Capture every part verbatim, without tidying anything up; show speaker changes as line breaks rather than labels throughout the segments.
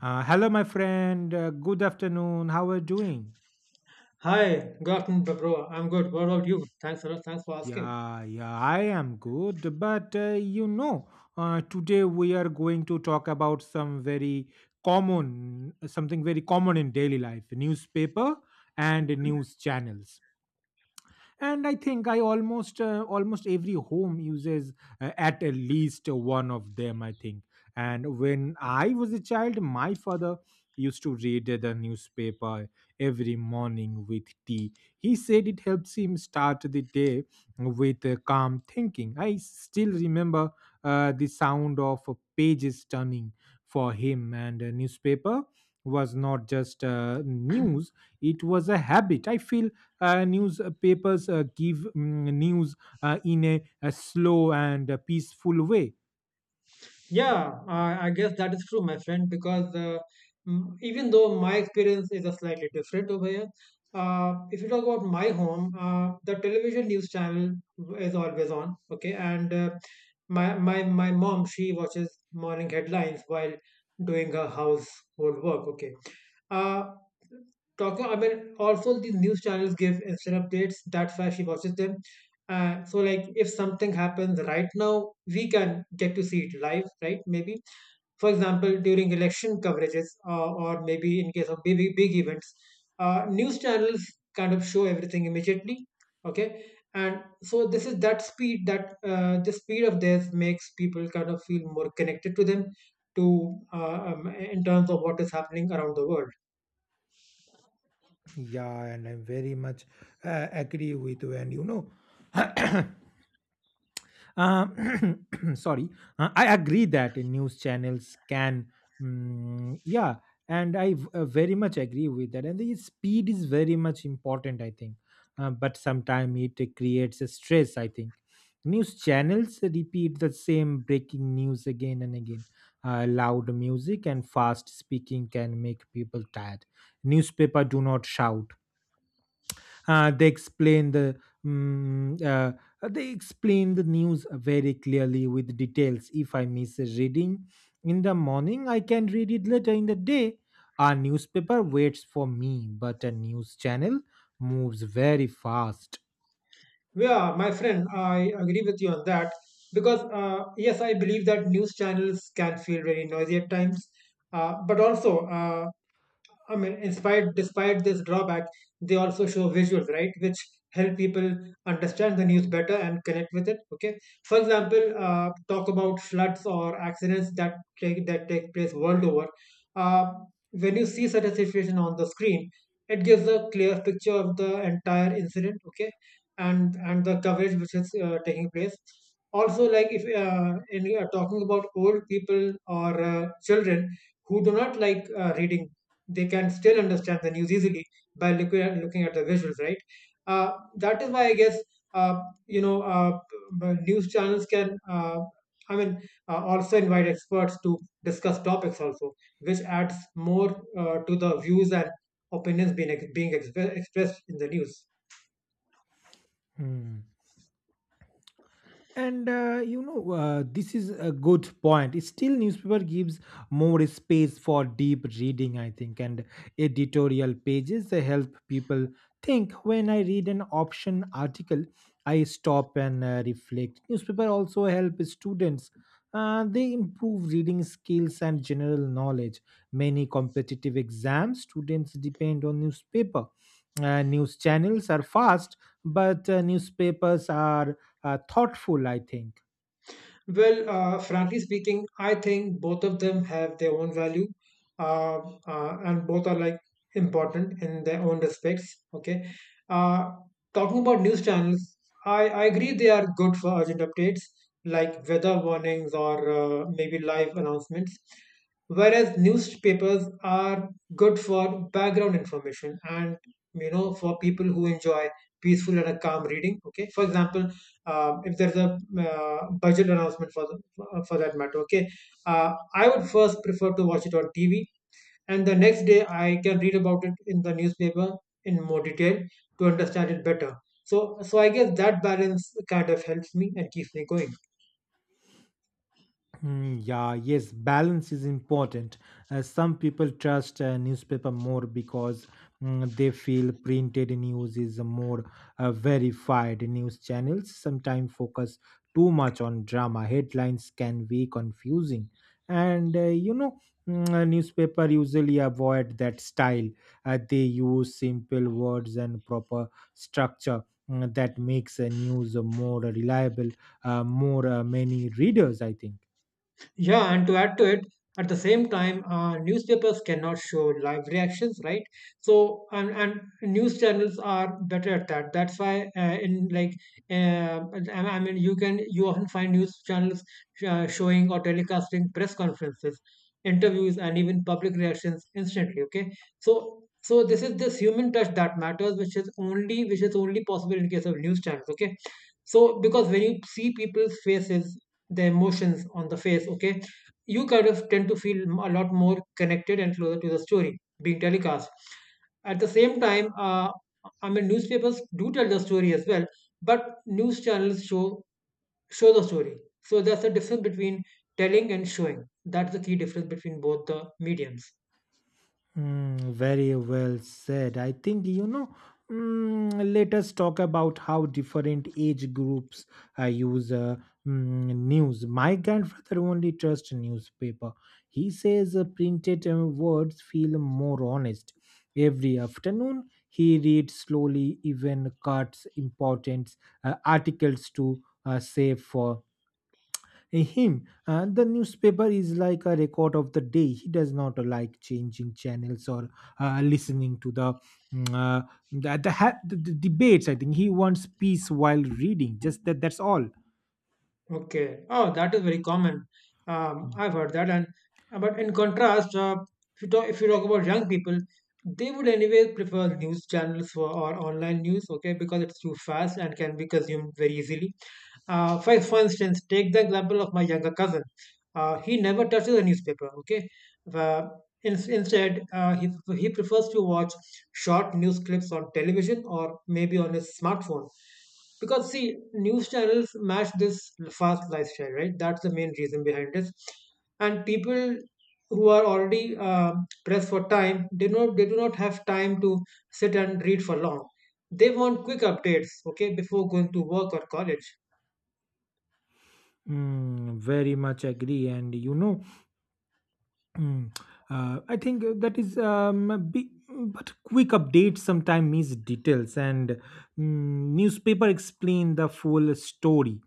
Uh, hello, my friend. Uh, good afternoon. How are you doing?
Hi, good afternoon, bro. bro. I'm good. What about you? Thanks for thanks for asking.
Yeah, yeah, I am good. But uh, you know, uh, today we are going to talk about some very common, something very common in daily life, newspaper and news channels. And I think I almost uh, almost every home uses uh, at least one of them, I think. And when I was a child, my father used to read the newspaper every morning with tea. He said it helps him start the day with uh, calm thinking. I still remember uh, the sound of pages turning. For him, and a newspaper was not just uh, news, it was a habit. I feel uh, newspapers uh, give mm, news uh, in a, a slow and a peaceful way.
Yeah, I, I guess that is true, my friend. Because uh, mm, even though my experience is a slightly different over here, uh, if you talk about my home, uh, the television news channel is always on. Okay, and uh, my my my mom she watches morning headlines while doing her household work. Okay, uh, talking I mean also these news channels give instant updates, that's why she watches them. Uh, so, like, if something happens right now, we can get to see it live, right? Maybe, for example, during election coverages, uh, or maybe in case of big big events, uh, news channels kind of show everything immediately. Okay, and so this is that speed that, uh, the speed of this makes people kind of feel more connected to them, to uh, um, in terms of what is happening around the world.
Yeah, and I very much uh, agree with you. And you know, Uh, sorry, uh, I agree that news channels can, mm, yeah, and I v- uh, very much agree with that. And the speed is very much important, I think. Uh, but sometimes it creates a stress, I think. News channels repeat the same breaking news again and again. Uh, loud music and fast speaking can make people tired. Newspaper do not shout, uh, they explain the mm, uh, uh, they explain the news very clearly with details. If I miss a reading in the morning, I can read it later in the day. A newspaper waits for me, but a news channel moves very fast.
Yeah, my friend, I agree with you on that, because uh, yes, I believe that news channels can feel very noisy at times, uh, but also uh, I mean, in spite despite this drawback, they also show visuals, right, which help people understand the news better and connect with it. Okay, for example, uh, talk about floods or accidents that take that take place world over. Uh, when you see such a situation on the screen, it gives a clear picture of the entire incident. Okay, and and the coverage which is uh, taking place. Also, like if uh, in, uh, talking about old people or uh, children who do not like uh, reading, they can still understand the news easily by looking at, looking at the visuals, right? Uh, that is why I guess uh, you know uh, b- news channels can. Uh, I mean, uh, Also invite experts to discuss topics also, which adds more uh, to the views and opinions being ex- being exp- expressed in the news.
Hmm. And uh, you know, uh, this is a good point. Still, newspaper gives more space for deep reading, I think, and editorial pages, they help people think. When I read an option article, I stop and uh, reflect. Newspaper also help students. Uh, they improve reading skills and general knowledge. Many competitive exams students depend on newspaper. Uh, news channels are fast, but uh, newspapers are uh, thoughtful, I think.
Well, uh, frankly speaking, I think both of them have their own value, uh, uh, and both are like important in their own respects. Okay. Uh, Talking about news channels, I, I agree they are good for urgent updates like weather warnings or uh, maybe live announcements, whereas newspapers are good for background information and, you know, for people who enjoy peaceful and a calm reading. Okay. For example, uh, if there's a uh, budget announcement for the, for that matter. Okay, uh, I would first prefer to watch it on T V, and the next day I can read about it in the newspaper in more detail to understand it better. So, so I guess that balance kind of helps me and keeps me going.
Mm, yeah, yes, balance is important. Uh, some people trust uh, newspaper more because, mm, they feel printed news is a more uh, verified. News channels sometimes focus too much on drama. Headlines can be confusing, and uh, you know, mm, a newspaper usually avoid that style. Uh, they use simple words and proper structure. mm, That makes a news more reliable, uh, more uh, many readers, I think.
Yeah, and to add to it, at the same time, uh, newspapers cannot show live reactions, right? So, and, and news channels are better at that. That's why, uh, in like, uh, I I mean, you can you often find news channels uh, showing or telecasting press conferences, interviews, and even public reactions instantly. Okay, so so this is this human touch that matters, which is only which is only possible in case of news channels. Okay, so because when you see people's faces, the emotions on the face, okay, you kind of tend to feel a lot more connected and closer to the story being telecast. At the same time, uh, i mean newspapers do tell the story as well, but news channels show show the story. So that's the difference between telling and showing. That's the key difference between both the mediums.
Mm, very well said. I think, you know, mm, let us talk about how different age groups uh, use uh, mm, news. My grandfather only trusts newspaper. He says uh, printed uh, words feel more honest. Every afternoon, he reads slowly, even cuts important uh, articles to uh, save. For him, uh, the newspaper is like a record of the day. He does not like changing channels or uh, listening to the mm, uh, the, the, ha- the, the debates. I think he wants peace while reading. Just that. That's all.
Okay. Oh, that is very common. Um, I've heard that. And uh, but in contrast, uh, if you talk if you talk about young people, they would anyway prefer news channels for, or online news, okay, because it's too fast and can be consumed very easily. Uh, for, for instance, take the example of my younger cousin. Uh, he never touches a newspaper, okay? Uh, Ins- Instead, uh, he, he prefers to watch short news clips on television or maybe on his smartphone. Because, see, news channels match this fast lifestyle, right? That's the main reason behind this. And people who are already uh, pressed for time, they, not, they do not have time to sit and read for long. They want quick updates, okay, before going to work or college.
Mm, very much agree. And you know, Mm. Uh, I think uh, that is um, a big, but quick updates sometimes miss details, and mm, newspaper explain the full story.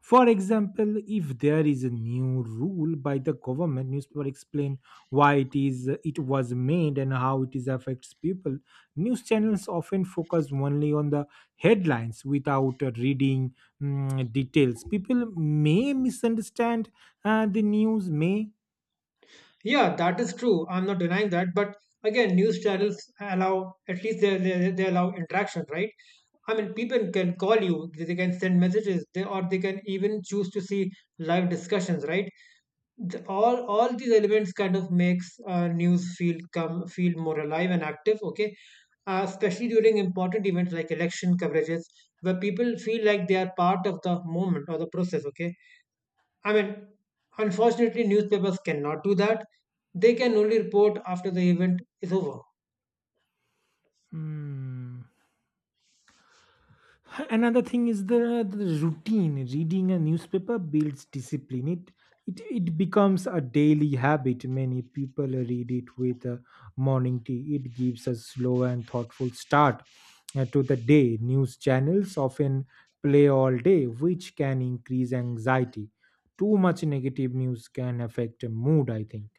For example, if there is a new rule by the government, newspaper explain why it is it was made and how it is affects people. News channels often focus only on the headlines without uh, reading mm, details. People may misunderstand uh, the news, may.
Yeah, that is true. I'm not denying that. But again, news channels allow, at least they, they, they allow interaction, right? I mean, people can call you, they can send messages, they, or they can even choose to see live discussions, right? The, all all these elements kind of makes uh, news feel come feel more alive and active. Okay, uh, especially during important events like election coverages, where people feel like they are part of the moment or the process. Okay, I mean, unfortunately, newspapers cannot do that. They can only report after the event is over.
Hmm. Another thing is the, the routine. Reading a newspaper builds discipline. It, it it becomes a daily habit. Many people read it with a morning tea. It gives a slow and thoughtful start uh, to the day. News channels often play all day, which can increase anxiety. Too much negative news can affect mood, I think.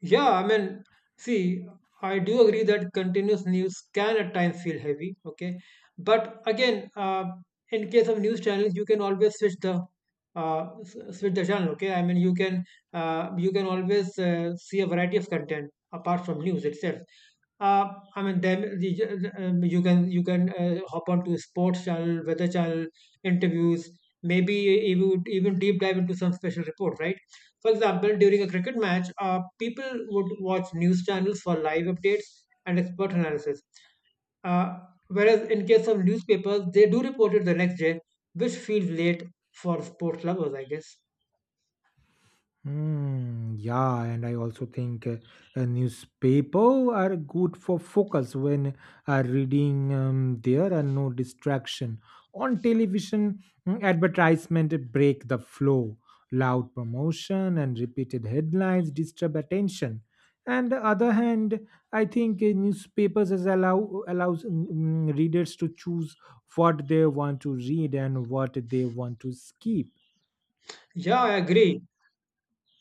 Yeah, I mean, see, I do agree that continuous news can at times feel heavy, okay? But again, uh, in case of news channels, you can always switch the uh, s- switch the channel, okay? I mean, you can uh, you can always uh, see a variety of content apart from news itself. Uh, I mean, then the- um, you can you can uh, hop on to sports channel, weather channel, interviews, maybe even even deep dive into some special report, right? For example, during a cricket match, uh, people would watch news channels for live updates and expert analysis. Uh, Whereas in case of newspapers, they do report it the next day, which feels late for sports lovers, I guess.
Hmm, yeah, and I also think uh, a newspaper are good for focus when uh, reading. Um, there are no distraction. On television, mm, advertisement break the flow. Loud promotion and repeated headlines disturb attention. And the other hand, I think uh, newspapers is allow allows mm, mm, readers to choose what they want to read and what they want to skip.
Yeah, I agree.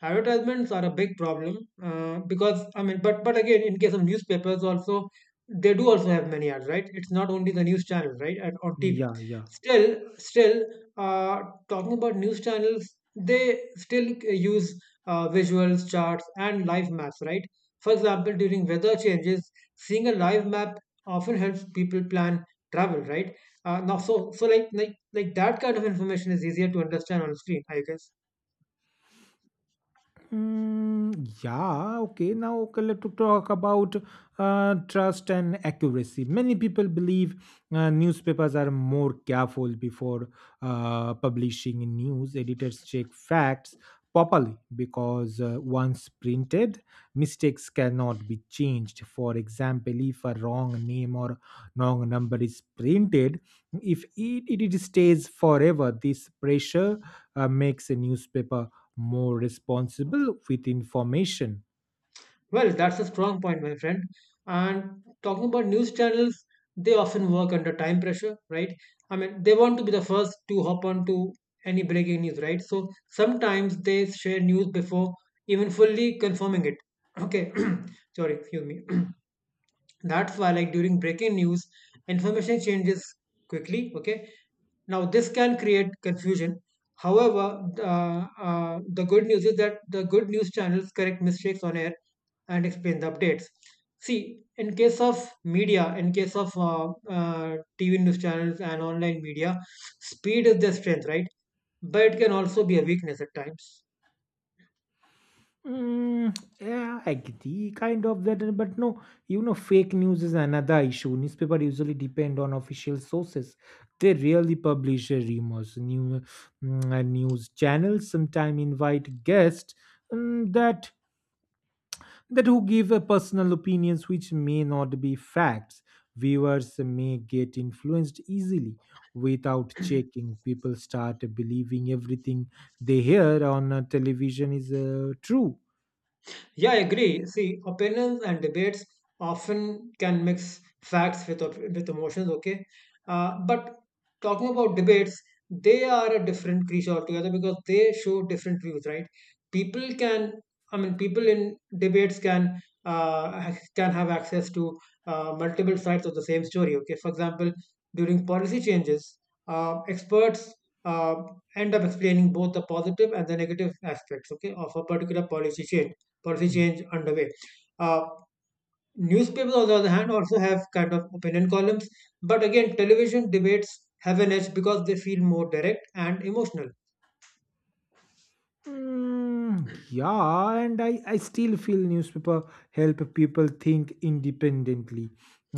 Advertisements are a big problem uh, because I mean, but but again, in case of newspapers, also they do also have many ads, right? It's not only the news channel, right, and on T V.
Yeah, yeah.
Still, still uh, talking about news channels, they still uh, use uh, visuals, charts, and live maps, right? For example, during weather changes, seeing a live map often helps people plan travel, right? Uh, now, so so like like like that kind of information is easier to understand on screen, I guess.
Mm, yeah, okay. Now, okay, let's talk about uh, trust and accuracy. Many people believe uh, newspapers are more careful before uh, publishing news. Editors check facts properly because uh, once printed, mistakes cannot be changed. For example, if a wrong name or wrong number is printed, if it, it it stays forever. This pressure uh, makes a newspaper more responsible with information.
Well, that's a strong point, my friend. And talking about news channels, they often work under time pressure, right? I mean, they want to be the first to hop on to any breaking news, right? So sometimes they share news before even fully confirming it. Okay, sorry, excuse me. That's why, like during breaking news, information changes quickly, okay? Now, this can create confusion. However, uh, uh, the good news is that the good news channels correct mistakes on air and explain the updates. See, in case of media, in case of uh, uh, T V news channels and online media, speed is their strength, right? But it can also be a weakness at times.
Mm, yeah, I agree, kind of that, but no, you know, fake news is another issue. Newspaper usually depend on official sources. They rarely publish uh, rumors. New mm, uh, news channels sometimes invite guests mm, that that who give a personal opinions, which may not be facts. Viewers may get influenced easily without checking. People start believing everything they hear on uh, television is uh, true.
Yeah, I agree. See, opinions and debates often can mix facts with op- with emotions. Okay, uh, but talking about debates, they are a different creature altogether because they show different views, right? People can, I mean, people in debates can uh, ha- can have access to uh, multiple sides of the same story. Okay, for example, during policy changes, uh, experts. Uh, End up explaining both the positive and the negative aspects, okay, of a particular policy change policy
Hmm.
change underway. Uh, Newspapers, on the other hand, also have kind of opinion columns, but again, television debates have an edge because they feel more direct and emotional.
Mm, yeah, and I, I still feel newspaper help people think independently.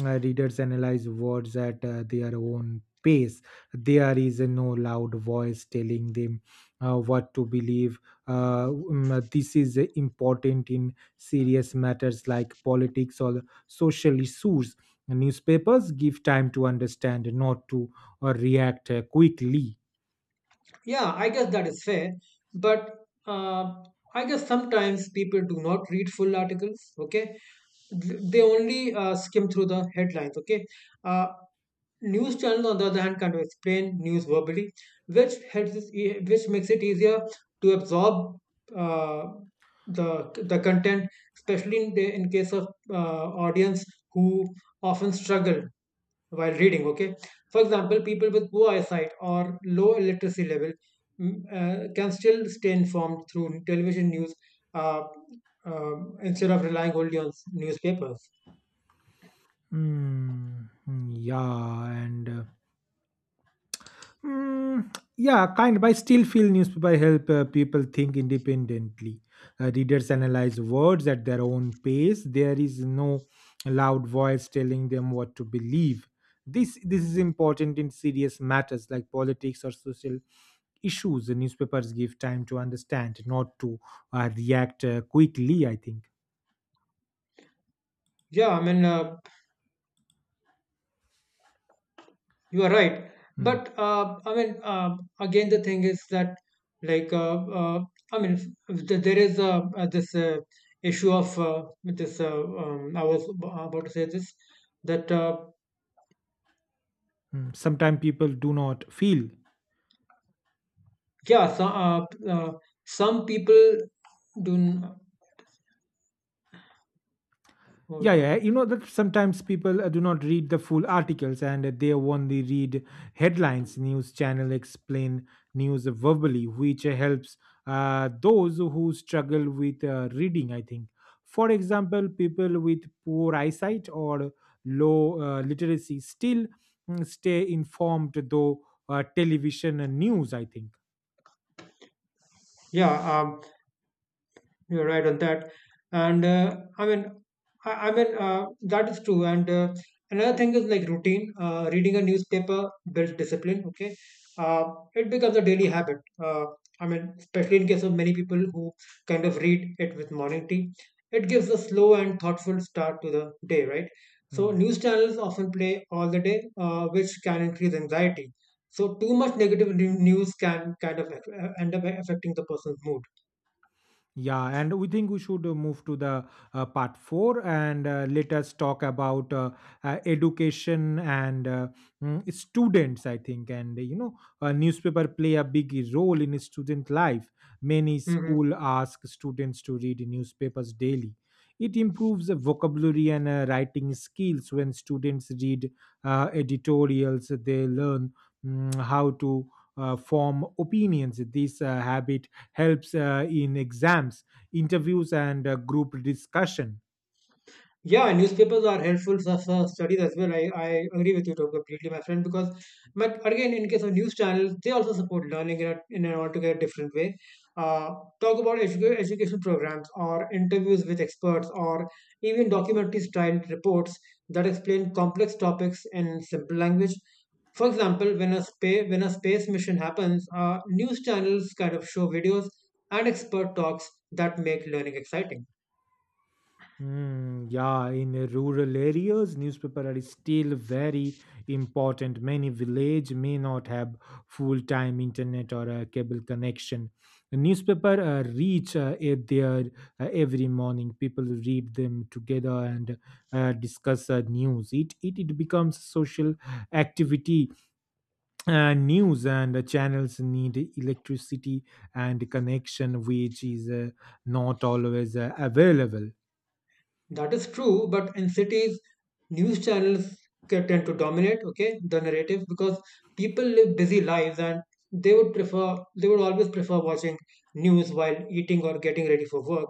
Uh, readers analyze words at uh, their own pace. There is no loud voice telling them uh, what to believe. Uh, mm, this is important in serious matters like politics or social issues. Newspapers give time to understand, not to uh, react uh, quickly.
Yeah, I guess that is fair, but uh, I guess sometimes people do not read full articles. Okay, Th- they only uh, skim through the headlines. Okay, uh, news channels, on the other hand, kind of explain news verbally, which helps us, e- which makes it easier to absorb uh, the the content, especially in the in case of uh, audience who often struggle while reading. Okay, for example, people with poor eyesight or low illiteracy level, mm, uh, can still stay informed through television news uh, uh, instead of relying only on s- newspapers.
Mm, yeah, and. Uh, Mm, yeah, kind, but I still feel newspaper help uh, people think independently. Uh, readers analyze words at their own pace. There is no loud voice telling them what to believe. This this is important in serious matters like politics or social issues. The newspapers give time to understand, not to uh, react uh, quickly, I think.
Yeah, I mean. Uh, You are right.
Hmm,
But uh, I mean, uh, again, the thing is that, like, uh, uh, I mean, f- th- there is uh, uh, this uh, issue of uh, this. Uh, um, I was ab- about to say this that, uh,
hmm. Sometimes people do not feel.
yeah, so, uh, uh, some people do. n-
Yeah,
Hold
yeah.
on.
You know that sometimes people uh, do not read the full articles, and uh, they only read headlines. News channel explain news verbally, which uh, helps uh, those who struggle with uh, reading, I think. For example, people with poor eyesight or low uh, literacy still mm, stay informed though uh, television and news, I think.
Yeah. Um, You're right on that. And uh, I mean, I, I mean uh, that is true. And uh, another thing is like routine. Uh, reading a newspaper builds discipline. Okay, uh, it becomes a daily habit. Uh, I mean, especially in case of many people who kind of read it with morning tea, it gives a slow and thoughtful start to the day. Right. So
Hmm.
news channels often play all the day, uh, which can increase anxiety. So too much negative new- news can kind of uh, end up affecting the person's mood.
Yeah, and we think we should uh, move to the uh, part four, and uh, let us talk about uh, uh, education and uh, mm, students, I think. And you know, uh, newspaper play a big role in student life. Many
Mm-hmm.
school ask students to read newspapers daily. It improves the vocabulary and uh, writing skills. When students read uh, editorials, they learn mm, how to uh, form opinions. This uh, habit helps uh, in exams, interviews, and uh, group discussion.
Yeah, newspapers are helpful for, for studies as well. I, I agree with you to- completely, my friend, because, but again, in case of news channels, they also support learning in, a, in an altogether different way. Uh, Talk about educa- education programs or interviews with experts or even documentary style reports that explain complex topics in simple language. For example, when a space when a space mission happens, uh, news channels kind of show videos and expert talks that make learning exciting.
Hmm, yeah, in the rural areas, newspaper are still very important. Many village may not have full-time internet or a cable connection. The newspaper uh, reach uh, at their uh, every morning. People read them together and uh, discuss uh, news. It, it it becomes social activity. Uh, news and uh, channels need electricity and connection, which is uh, not always uh, available.
That is true, but in cities, news channels ca- tend to dominate, okay, the narrative because people live busy lives and they would prefer, they would always prefer watching news while eating or getting ready for work.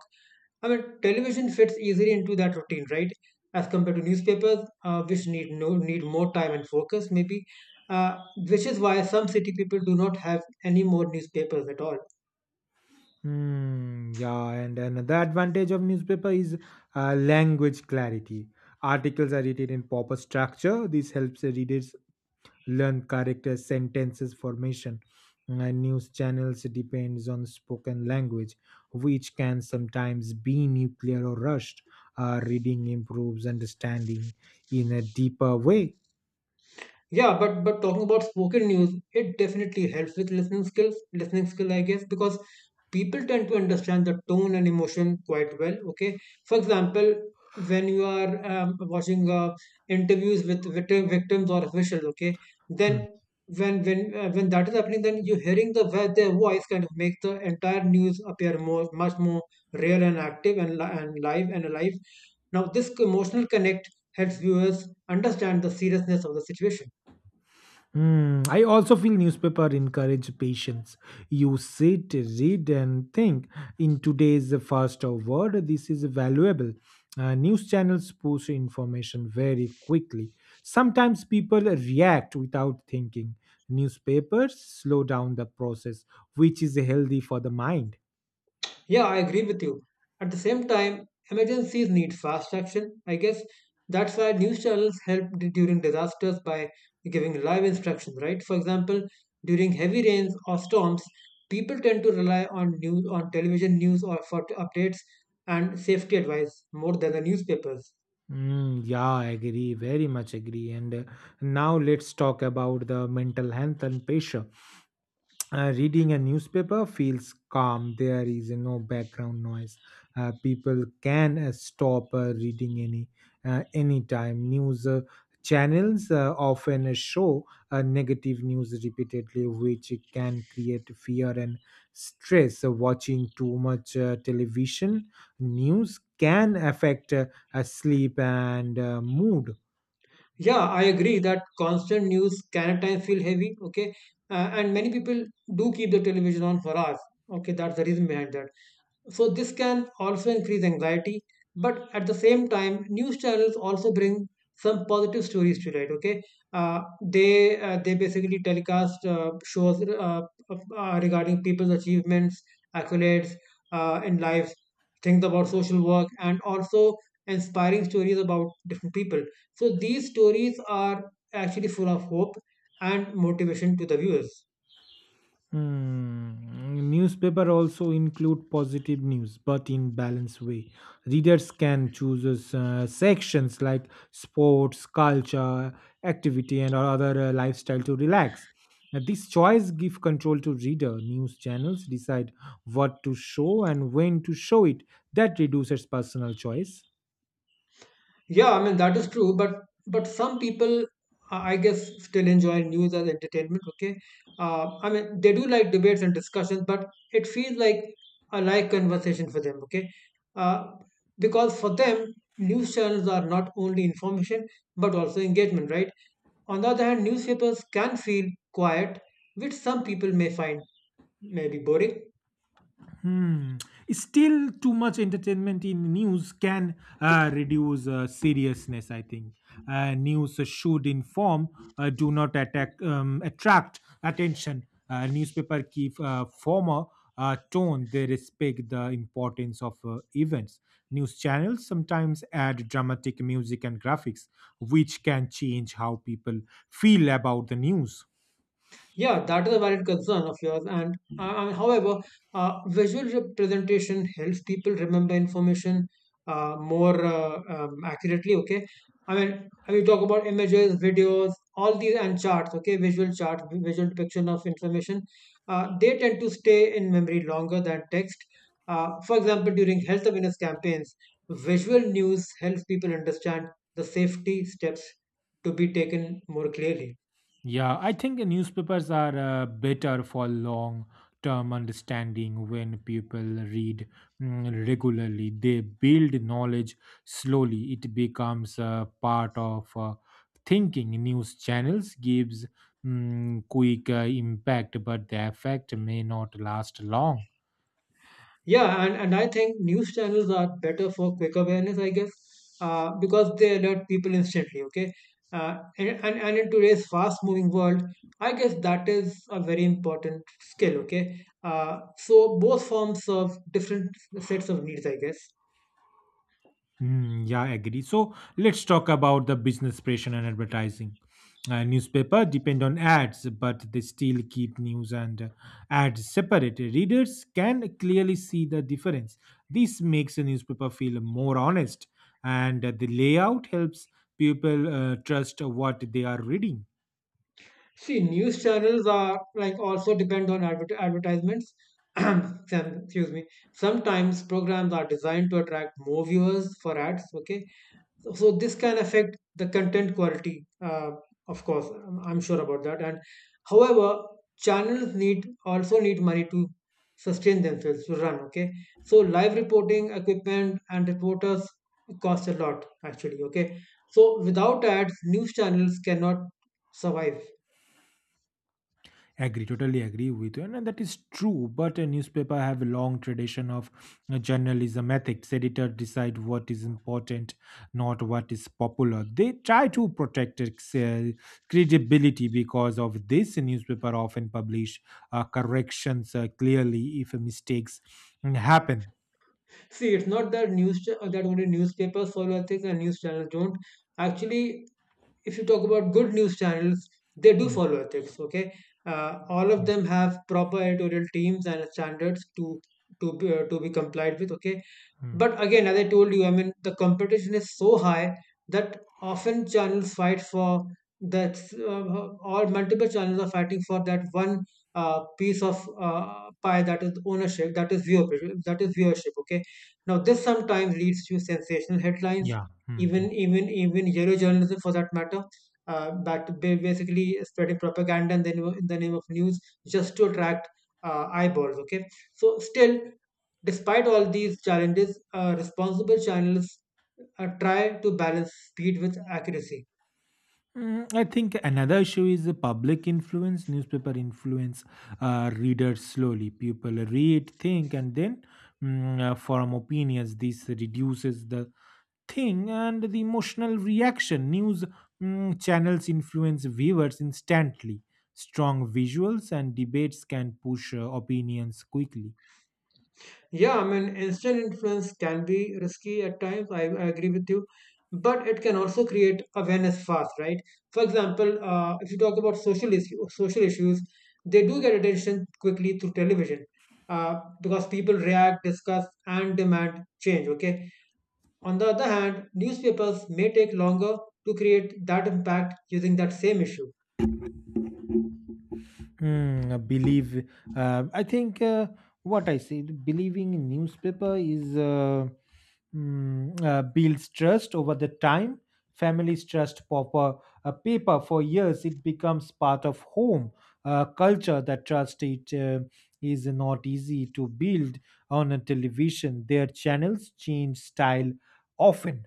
I mean, television fits easily into that routine, right? As compared to newspapers, uh, which need no need more time and focus, maybe, uh, which is why some city people do not have any more newspapers at all.
Hmm, yeah, and another advantage of newspaper is uh, language clarity. Articles are written in proper structure. This helps the readers learn character sentences formation, and news channels depends on spoken language, which can sometimes be nuclear or rushed. Uh, reading improves understanding in a deeper way.
Yeah, but but talking about spoken news, it definitely helps with listening skills, listening skill, I guess, because people tend to understand the tone and emotion quite well. Okay, for example, when you are um, watching uh, interviews with victim, victims or officials, okay, then
Hmm.
when when uh, when that is happening, then you hearing the vo- their voice kind of makes the entire news appear more much more real and active and li- and live and alive. Now, this emotional connect helps viewers understand the seriousness of the situation.
Hmm, I also feel newspaper encourage patience. You sit, read, and think. In today's fast world, this is valuable. Uh, news channels push information very quickly. Sometimes people react without thinking. Newspapers slow down the process, which is healthy for the mind.
Yeah, I agree with you. At the same time, emergencies need fast action. I guess that's why news channels help d- during disasters by giving live instructions, right? For example, during heavy rains or storms, people tend to rely on news on television news or for t- updates and safety advice more than the newspapers.
Mm, yeah, I agree, very much agree. And uh, now let's talk about the mental health and pressure. Uh, reading a newspaper feels calm. There is no background noise. Uh, people can uh, stop uh, reading any uh, anytime. News uh, channels uh, often uh, show uh, negative news repeatedly, which can create fear and stress. Uh, watching too much uh, television news can affect uh, uh, sleep and uh, mood.
Yeah, I agree that constant news can at times feel heavy, okay? Uh, and many people do keep the television on for hours. Okay, that's the reason behind that. So this can also increase anxiety, but at the same time, news channels also bring some positive stories to light. Okay, uh, they uh, they basically telecast uh, shows uh, uh, regarding people's achievements, accolades uh, in life, things about social work, and also inspiring stories about different people. So these stories are actually full of hope and motivation to the viewers.
Hmm. Newspaper also include positive news, but in balanced way. Readers can choose uh, sections like sports, culture, activity, and other uh, lifestyle to relax. Now, this choice give control to reader. News channels decide what to show and when to show it. That reduces personal choice.
Yeah, I mean that is true, but but some people, I I guess, still enjoy news as entertainment. Okay, uh, I mean they do like debates and discussions, but it feels like a live conversation for them. Okay, uh, because for them, news channels are not only information but also engagement. Right. On the other hand, newspapers can feel quiet, which some people may find maybe boring.
Hmm. Still, too much entertainment in news can uh, reduce uh, seriousness, I think. Uh, news should inform, uh, do not attack, um, attract attention. Uh, newspaper keep uh, former uh, tone. They respect the importance of uh, events. News channels sometimes add dramatic music and graphics, which can change how people feel about the news.
Yeah, that is a valid concern of yours. And uh, uh, however, uh, visual representation helps people remember information uh, more uh, um, accurately. Okay, I mean, I mean, talk about images, videos, all these, and charts. Okay, visual charts, vi- visual depiction of information. Uh, they tend to stay in memory longer than text. Uh, for example, during health awareness campaigns, visual news helps people understand the safety steps to be taken more clearly.
Yeah, I think the newspapers are uh, better for long term understanding. When people read mm, regularly, they build knowledge slowly. It becomes uh, part of uh, thinking. News channels gives mm, quick uh, impact, but the effect may not last long.
Yeah, and, and I think news channels are better for quick awareness, I guess, uh, because they alert people instantly, okay? Uh, and, and, and in today's fast moving world, I guess that is a very important skill, okay? Uh, so both forms serve different sets of needs, I guess.
Hmm, yeah, I agree. So let's talk about the business pressure and advertising. Uh, newspaper depend on ads, but they still keep news and uh, ads separate. Readers can clearly see the difference. This makes a newspaper feel more honest, and uh, the layout helps people uh, trust what they are reading.
See, news channels are like also depend on adver- advertisements. Some- Excuse me. Sometimes programs are designed to attract more viewers for ads, okay? So, so this can affect the content quality, uh, of course. I'm I'm sure about that. And however, channels need also need money to sustain themselves to run. Okay, so live reporting equipment and reporters cost a lot actually. Okay, so without ads, news channels cannot survive.
Agree, totally agree with you, and, and that is true. But a newspaper have a long tradition of uh, journalism ethics. Editor decide what is important, not what is popular. They try to protect its uh, credibility because of this. Newspaper often publish uh, corrections uh, clearly if mistakes mm, happen.
See, it's not that news cha- that only newspapers follow ethics and news channels don't. Actually, if you talk about good news channels, they do
Mm,
follow ethics. Okay, uh, all of
mm,
them have proper editorial teams and standards to to be, uh, to be complied with. Okay,
mm.
but again, as I told you, I mean, the competition is so high that often channels fight for that, uh, or multiple channels are fighting for that one uh, piece of uh, pie, that is ownership, that is viewership, that is viewership. Okay, now this sometimes leads to sensational headlines,
Yeah. Mm, mm.
even even even yellow journalism for that matter. Uh, that ba- basically spreading propaganda in the, nu- in the name of news just to attract uh, eyeballs. Okay, so still, despite all these challenges, uh, responsible channels uh, try to balance speed with accuracy.
Mm, I think another issue is the public influence. Newspaper influence uh, readers slowly. People read, think, and then mm, uh, form opinions. This reduces the thing and the emotional reaction. News mm, channels influence viewers instantly. Strong visuals and debates can push uh, opinions quickly.
Yeah, I mean, instant influence can be risky at times. I, I agree with you, but it can also create awareness fast, right? For example, uh, if you talk about social issue, social issues, they do get attention quickly through television uh, because people react, discuss, and demand change. Okay. On the other hand, newspapers may take longer to create that impact using that same issue.
Hmm, I believe. Uh, I think uh, What I said, believing in newspaper is uh, mm, uh, builds trust over the time. Families trust paper, uh, paper for years. It becomes part of home uh, culture. That trust it uh, is not easy to build on a television. Their channels change style often.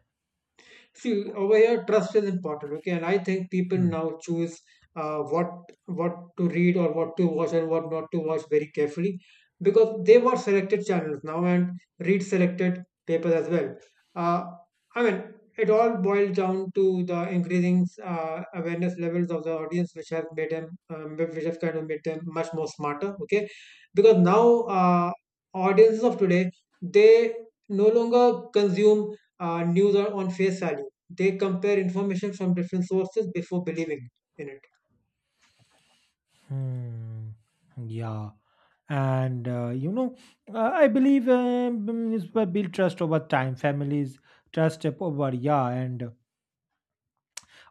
See, over here, trust is important. Okay, and I think people
Hmm.
now choose uh, what what to read or what to watch and what not to watch very carefully because they watch selected channels now and read selected papers as well. Uh, I mean, it all boils down to the increasing uh, awareness levels of the audience, which have made them, um, which have kind of made them much more smarter. Okay, because now uh, audiences of today they no longer consume uh, news are on face value. They compare information from different sources before believing in it.
Hmm. Yeah. And, uh, you know, uh, I believe uh, mm, it's by build trust over time, families trust up over, yeah. And uh,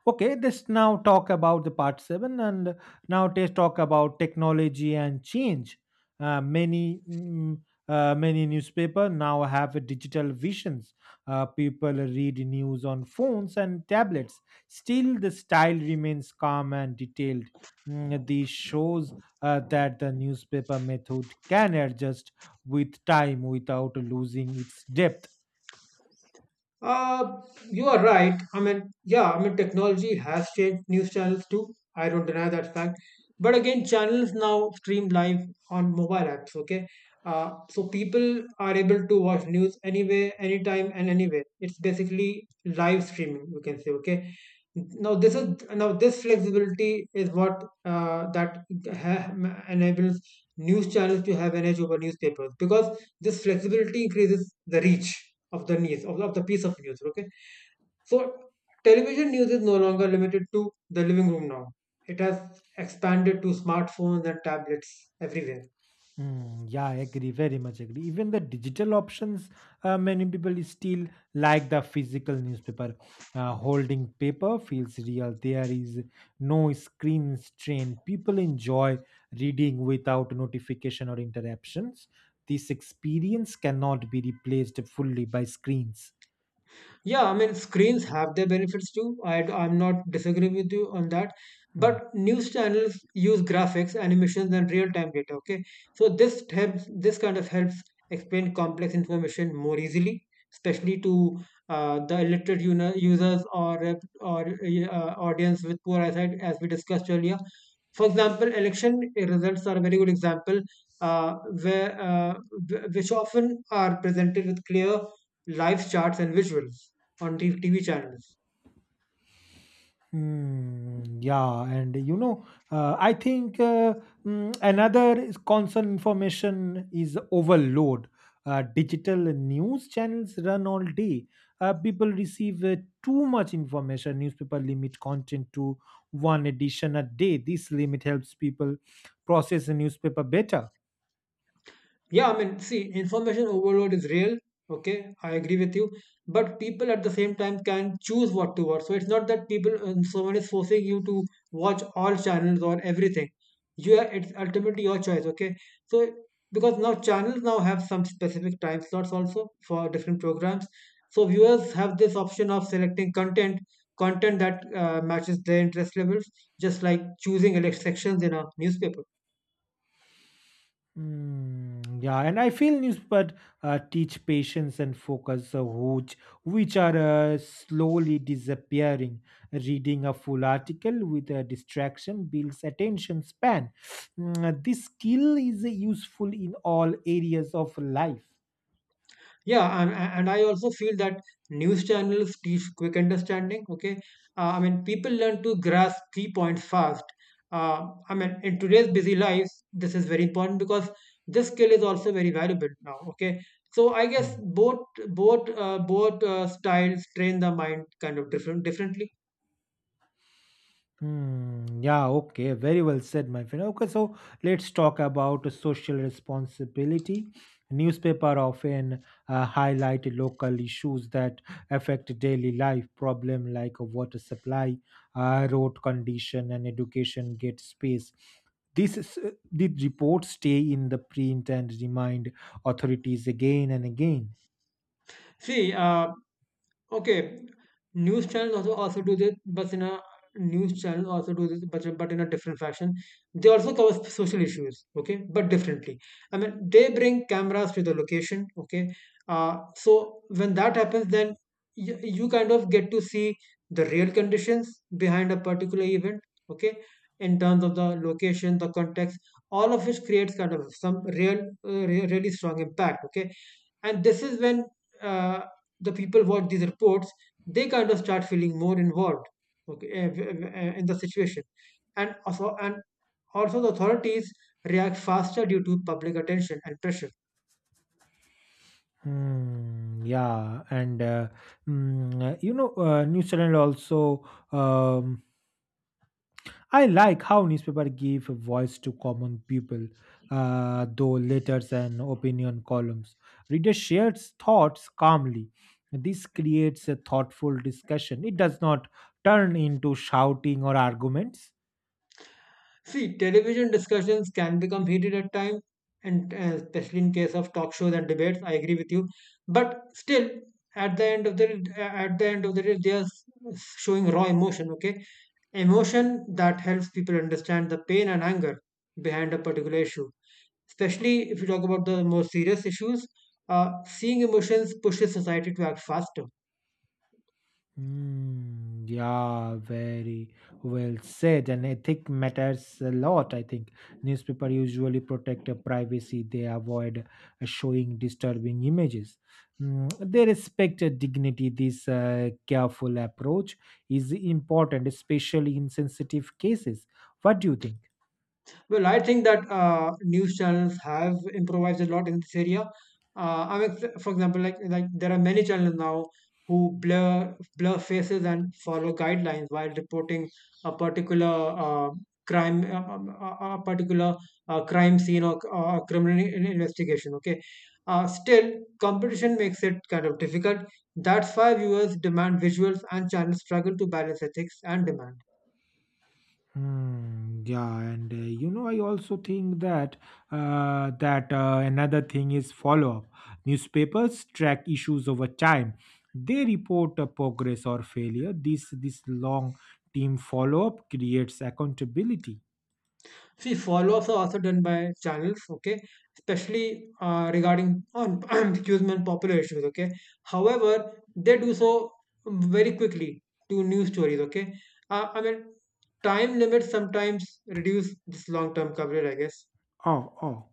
Okay, let's now talk about the part seven, and now let's talk about technology and change. Uh, many mm, uh, many newspaper now have digital visions. Uh, people read news on phones and tablets. Still, the style remains calm and detailed. Mm, this shows uh, that the newspaper method can adjust with time without losing its depth.
Uh, you are right. I mean, yeah, I mean, technology has changed news channels too. I don't deny that fact. But again, channels now stream live on mobile apps, okay? Uh, so people are able to watch news anywhere, anytime, and anywhere. It's basically live streaming, you can say, okay? Now this is now This flexibility is what uh, that ha- enables news channels to have an edge over newspapers because this flexibility increases the reach of the news of, of the piece of news, okay, so television news is no longer limited to the living room. Now it has expanded to smartphones and tablets everywhere.
Hmm, yeah, I agree, very much agree. Even the digital options, uh, many people still like the physical newspaper. Uh, holding paper feels real. There is no screen strain. People enjoy reading without notification or interruptions. This experience cannot be replaced fully by screens.
Yeah, I mean, screens have their benefits too. I, I'm not disagree with you on that.
Hmm.
But news channels use graphics, animations, and real-time data. Okay, so this helps. This kind of helps explain complex information more easily, especially to uh, the illiterate uni- users or uh, or uh, audience with poor eyesight, as we discussed earlier. For example, election results are a very good example, uh, where uh, wh- which often are presented with clear live charts and visuals on T V channels.
Hmm, yeah, and you know, uh, I think uh, mm, another is constant information is overload. Uh, digital news channels run all day. Uh, people receive uh, too much information. Newspaper limit content to one edition a day. This limit helps people process the newspaper better.
Yeah, I mean, see, information overload is real. Okay, I agree with you. But people at the same time can choose what to watch. So it's not that people, um, someone is forcing you to watch all channels or everything. You are, it's ultimately your choice. Okay, so because now channels now have some specific time slots also for different programs. So viewers have this option of selecting content content that uh, matches their interest levels, just like choosing elect sections in a newspaper.
Mm, yeah, and I feel newspaper uh, teach patience and focus, uh, which which are uh, slowly disappearing. Reading a full article with a distraction builds attention span. Mm, this skill is useful in all areas of life.
Yeah, and, and I also feel that news channels teach quick understanding. Okay, uh, I mean, people learn to grasp key points fast. Uh, I mean, in today's busy lives, this is very important because this skill is also very valuable now. Okay, so I guess
Hmm.
both both uh, both uh, styles train the mind kind of different differently.
Hmm. Yeah, okay. Very well said, my friend. Okay, so let's talk about social responsibility. Newspaper often uh, highlight local issues that affect daily life. Problem like water supply, uh, road condition, and education get space. This is, uh, the reports stay in the print and remind authorities again and again.
See, uh, Okay, news channels also also do this, but in a news channel also do this, but but in a different fashion. They also cover s- social issues, okay, but differently. I mean, they bring cameras to the location, okay. Uh, so when that happens, then you, you kind of get to see the real conditions behind a particular event, okay, in terms of the location, the context, all of which creates kind of some real, uh, re- really strong impact, okay. And this is when. Uh, the people watch these reports, they kind of start feeling more involved, okay, eh, eh, in the situation, and also and also the authorities react faster due to public attention and pressure.
Hmm, yeah, and uh, mm, uh, you know, uh, New Zealand also. Um, I like how newspaper give voice to common people, uh, though letters and opinion columns. Reader shares thoughts calmly. This creates a thoughtful discussion. It does not turn into shouting or arguments.
See, television discussions can become heated at times, and uh, especially in case of talk shows and debates, I agree with you, but still, at the end of the at the end of the day, they are showing raw emotion, okay, emotion that helps people understand the pain and anger behind a particular issue. Especially if you talk about the more serious issues, uh, seeing emotions pushes society to act faster.
Mm, yeah, very well said. And ethic matters a lot, I think. Newspaper usually protect uh, privacy. They avoid uh, showing disturbing images. Mm, they respect uh, dignity. This uh, careful approach is important, especially in sensitive cases. What do you think?
Well, I think that uh, news channels have improvised a lot in this area. Uh, I mean, for example, like like there are many channels now who blur blur faces and follow guidelines while reporting a particular uh, crime, uh, um, a, a particular uh, crime scene or, or a criminal in- investigation. Okay, uh, still competition makes it kind of difficult. That's why viewers demand visuals, and channels struggle to balance ethics and demand.
Hmm, yeah, and uh, you know, I also think that uh, that uh, another thing is follow-up. Newspapers track issues over time. They report uh, progress or failure. This this long team follow-up creates accountability.
See, follow-ups are also done by channels, okay, especially uh, regarding on excuse me, on popular issues, okay. However, they do so um, very quickly to news stories, okay. Uh, I mean, time limits sometimes reduce this long-term coverage, I guess.
Oh, oh.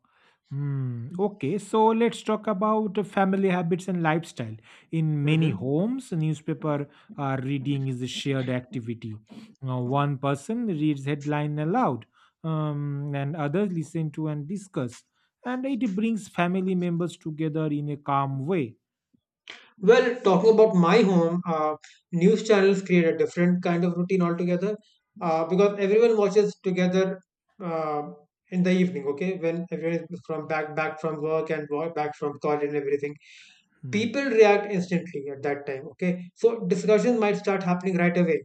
Hmm. Okay, so let's talk about the family habits and lifestyle. In many
Hmm.
homes, newspaper uh, reading is a shared activity. Uh, one person reads headline aloud, um, and others listen to and discuss, and it brings family members together in a calm way.
Well, talking about my home, uh, news channels create a different kind of routine altogether uh, because everyone watches together uh, in the evening. Okay, when everyone is from back back from work and work, back from college and everything,
Hmm.
people react instantly at that time. Okay, so discussions might start happening right away.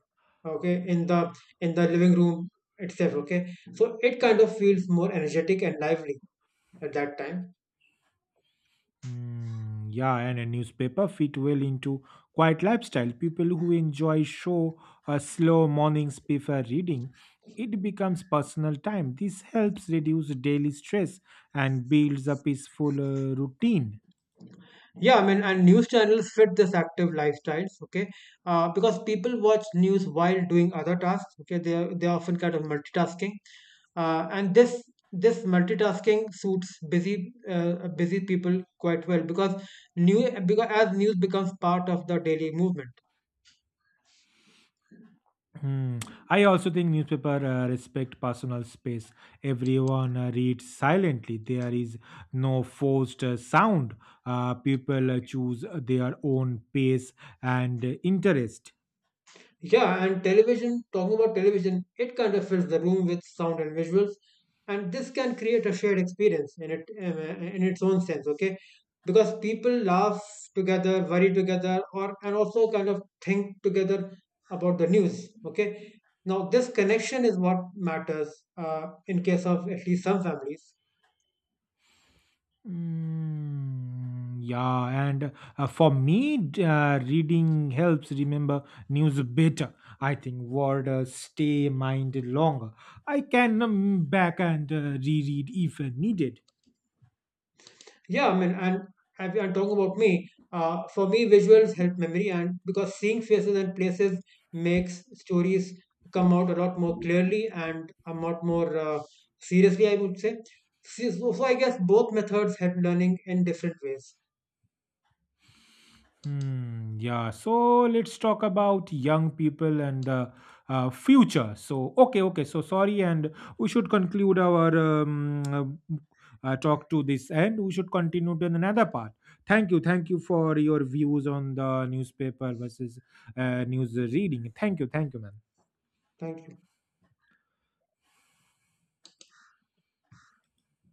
Okay, in the in the living room itself. Okay, so it kind of feels more energetic and lively at that time.
Mm, yeah, and a newspaper fit well into quiet lifestyle. People who enjoy show a slow mornings prefer reading. It becomes personal time. This helps reduce daily stress and builds a peaceful uh, routine.
Yeah, I mean, and news channels fit this active lifestyles, okay? Uh, because people watch news while doing other tasks, okay? They are, they are often kind of multitasking, uh, and this this multitasking suits busy uh, busy people quite well because new because as news becomes part of the daily movement.
Hmm. I also think newspaper uh, respect personal space. Everyone uh, reads silently. There is no forced uh, sound. Uh, people uh, choose their own pace and uh, interest.
Yeah, and television, talking about television, it kind of fills the room with sound and visuals, and this can create a shared experience in it um, uh, in its own sense, okay? Because people laugh together, worry together, or and also kind of think together about the news, okay? Now, this connection is what matters uh, in case of at least some families.
Mm, yeah, and uh, for me, d- uh, reading helps remember news better. I think word uh, stay mind longer. I can um, back and uh, reread if uh, needed.
Yeah, I mean, and have I'm talking about me. Uh, for me, visuals help memory, and because seeing faces and places makes stories come out a lot more clearly and a lot more uh, seriously, I would say. See, So, so I guess both methods help learning in different ways.
Hmm, yeah, so let's talk about young people and the uh, future. So, okay, okay, so sorry, and we should conclude our um, uh, uh, talk to this end. We should continue to another part. Thank you, thank you for your views on the newspaper versus uh, news reading. Thank you, thank you, man.
Thank you.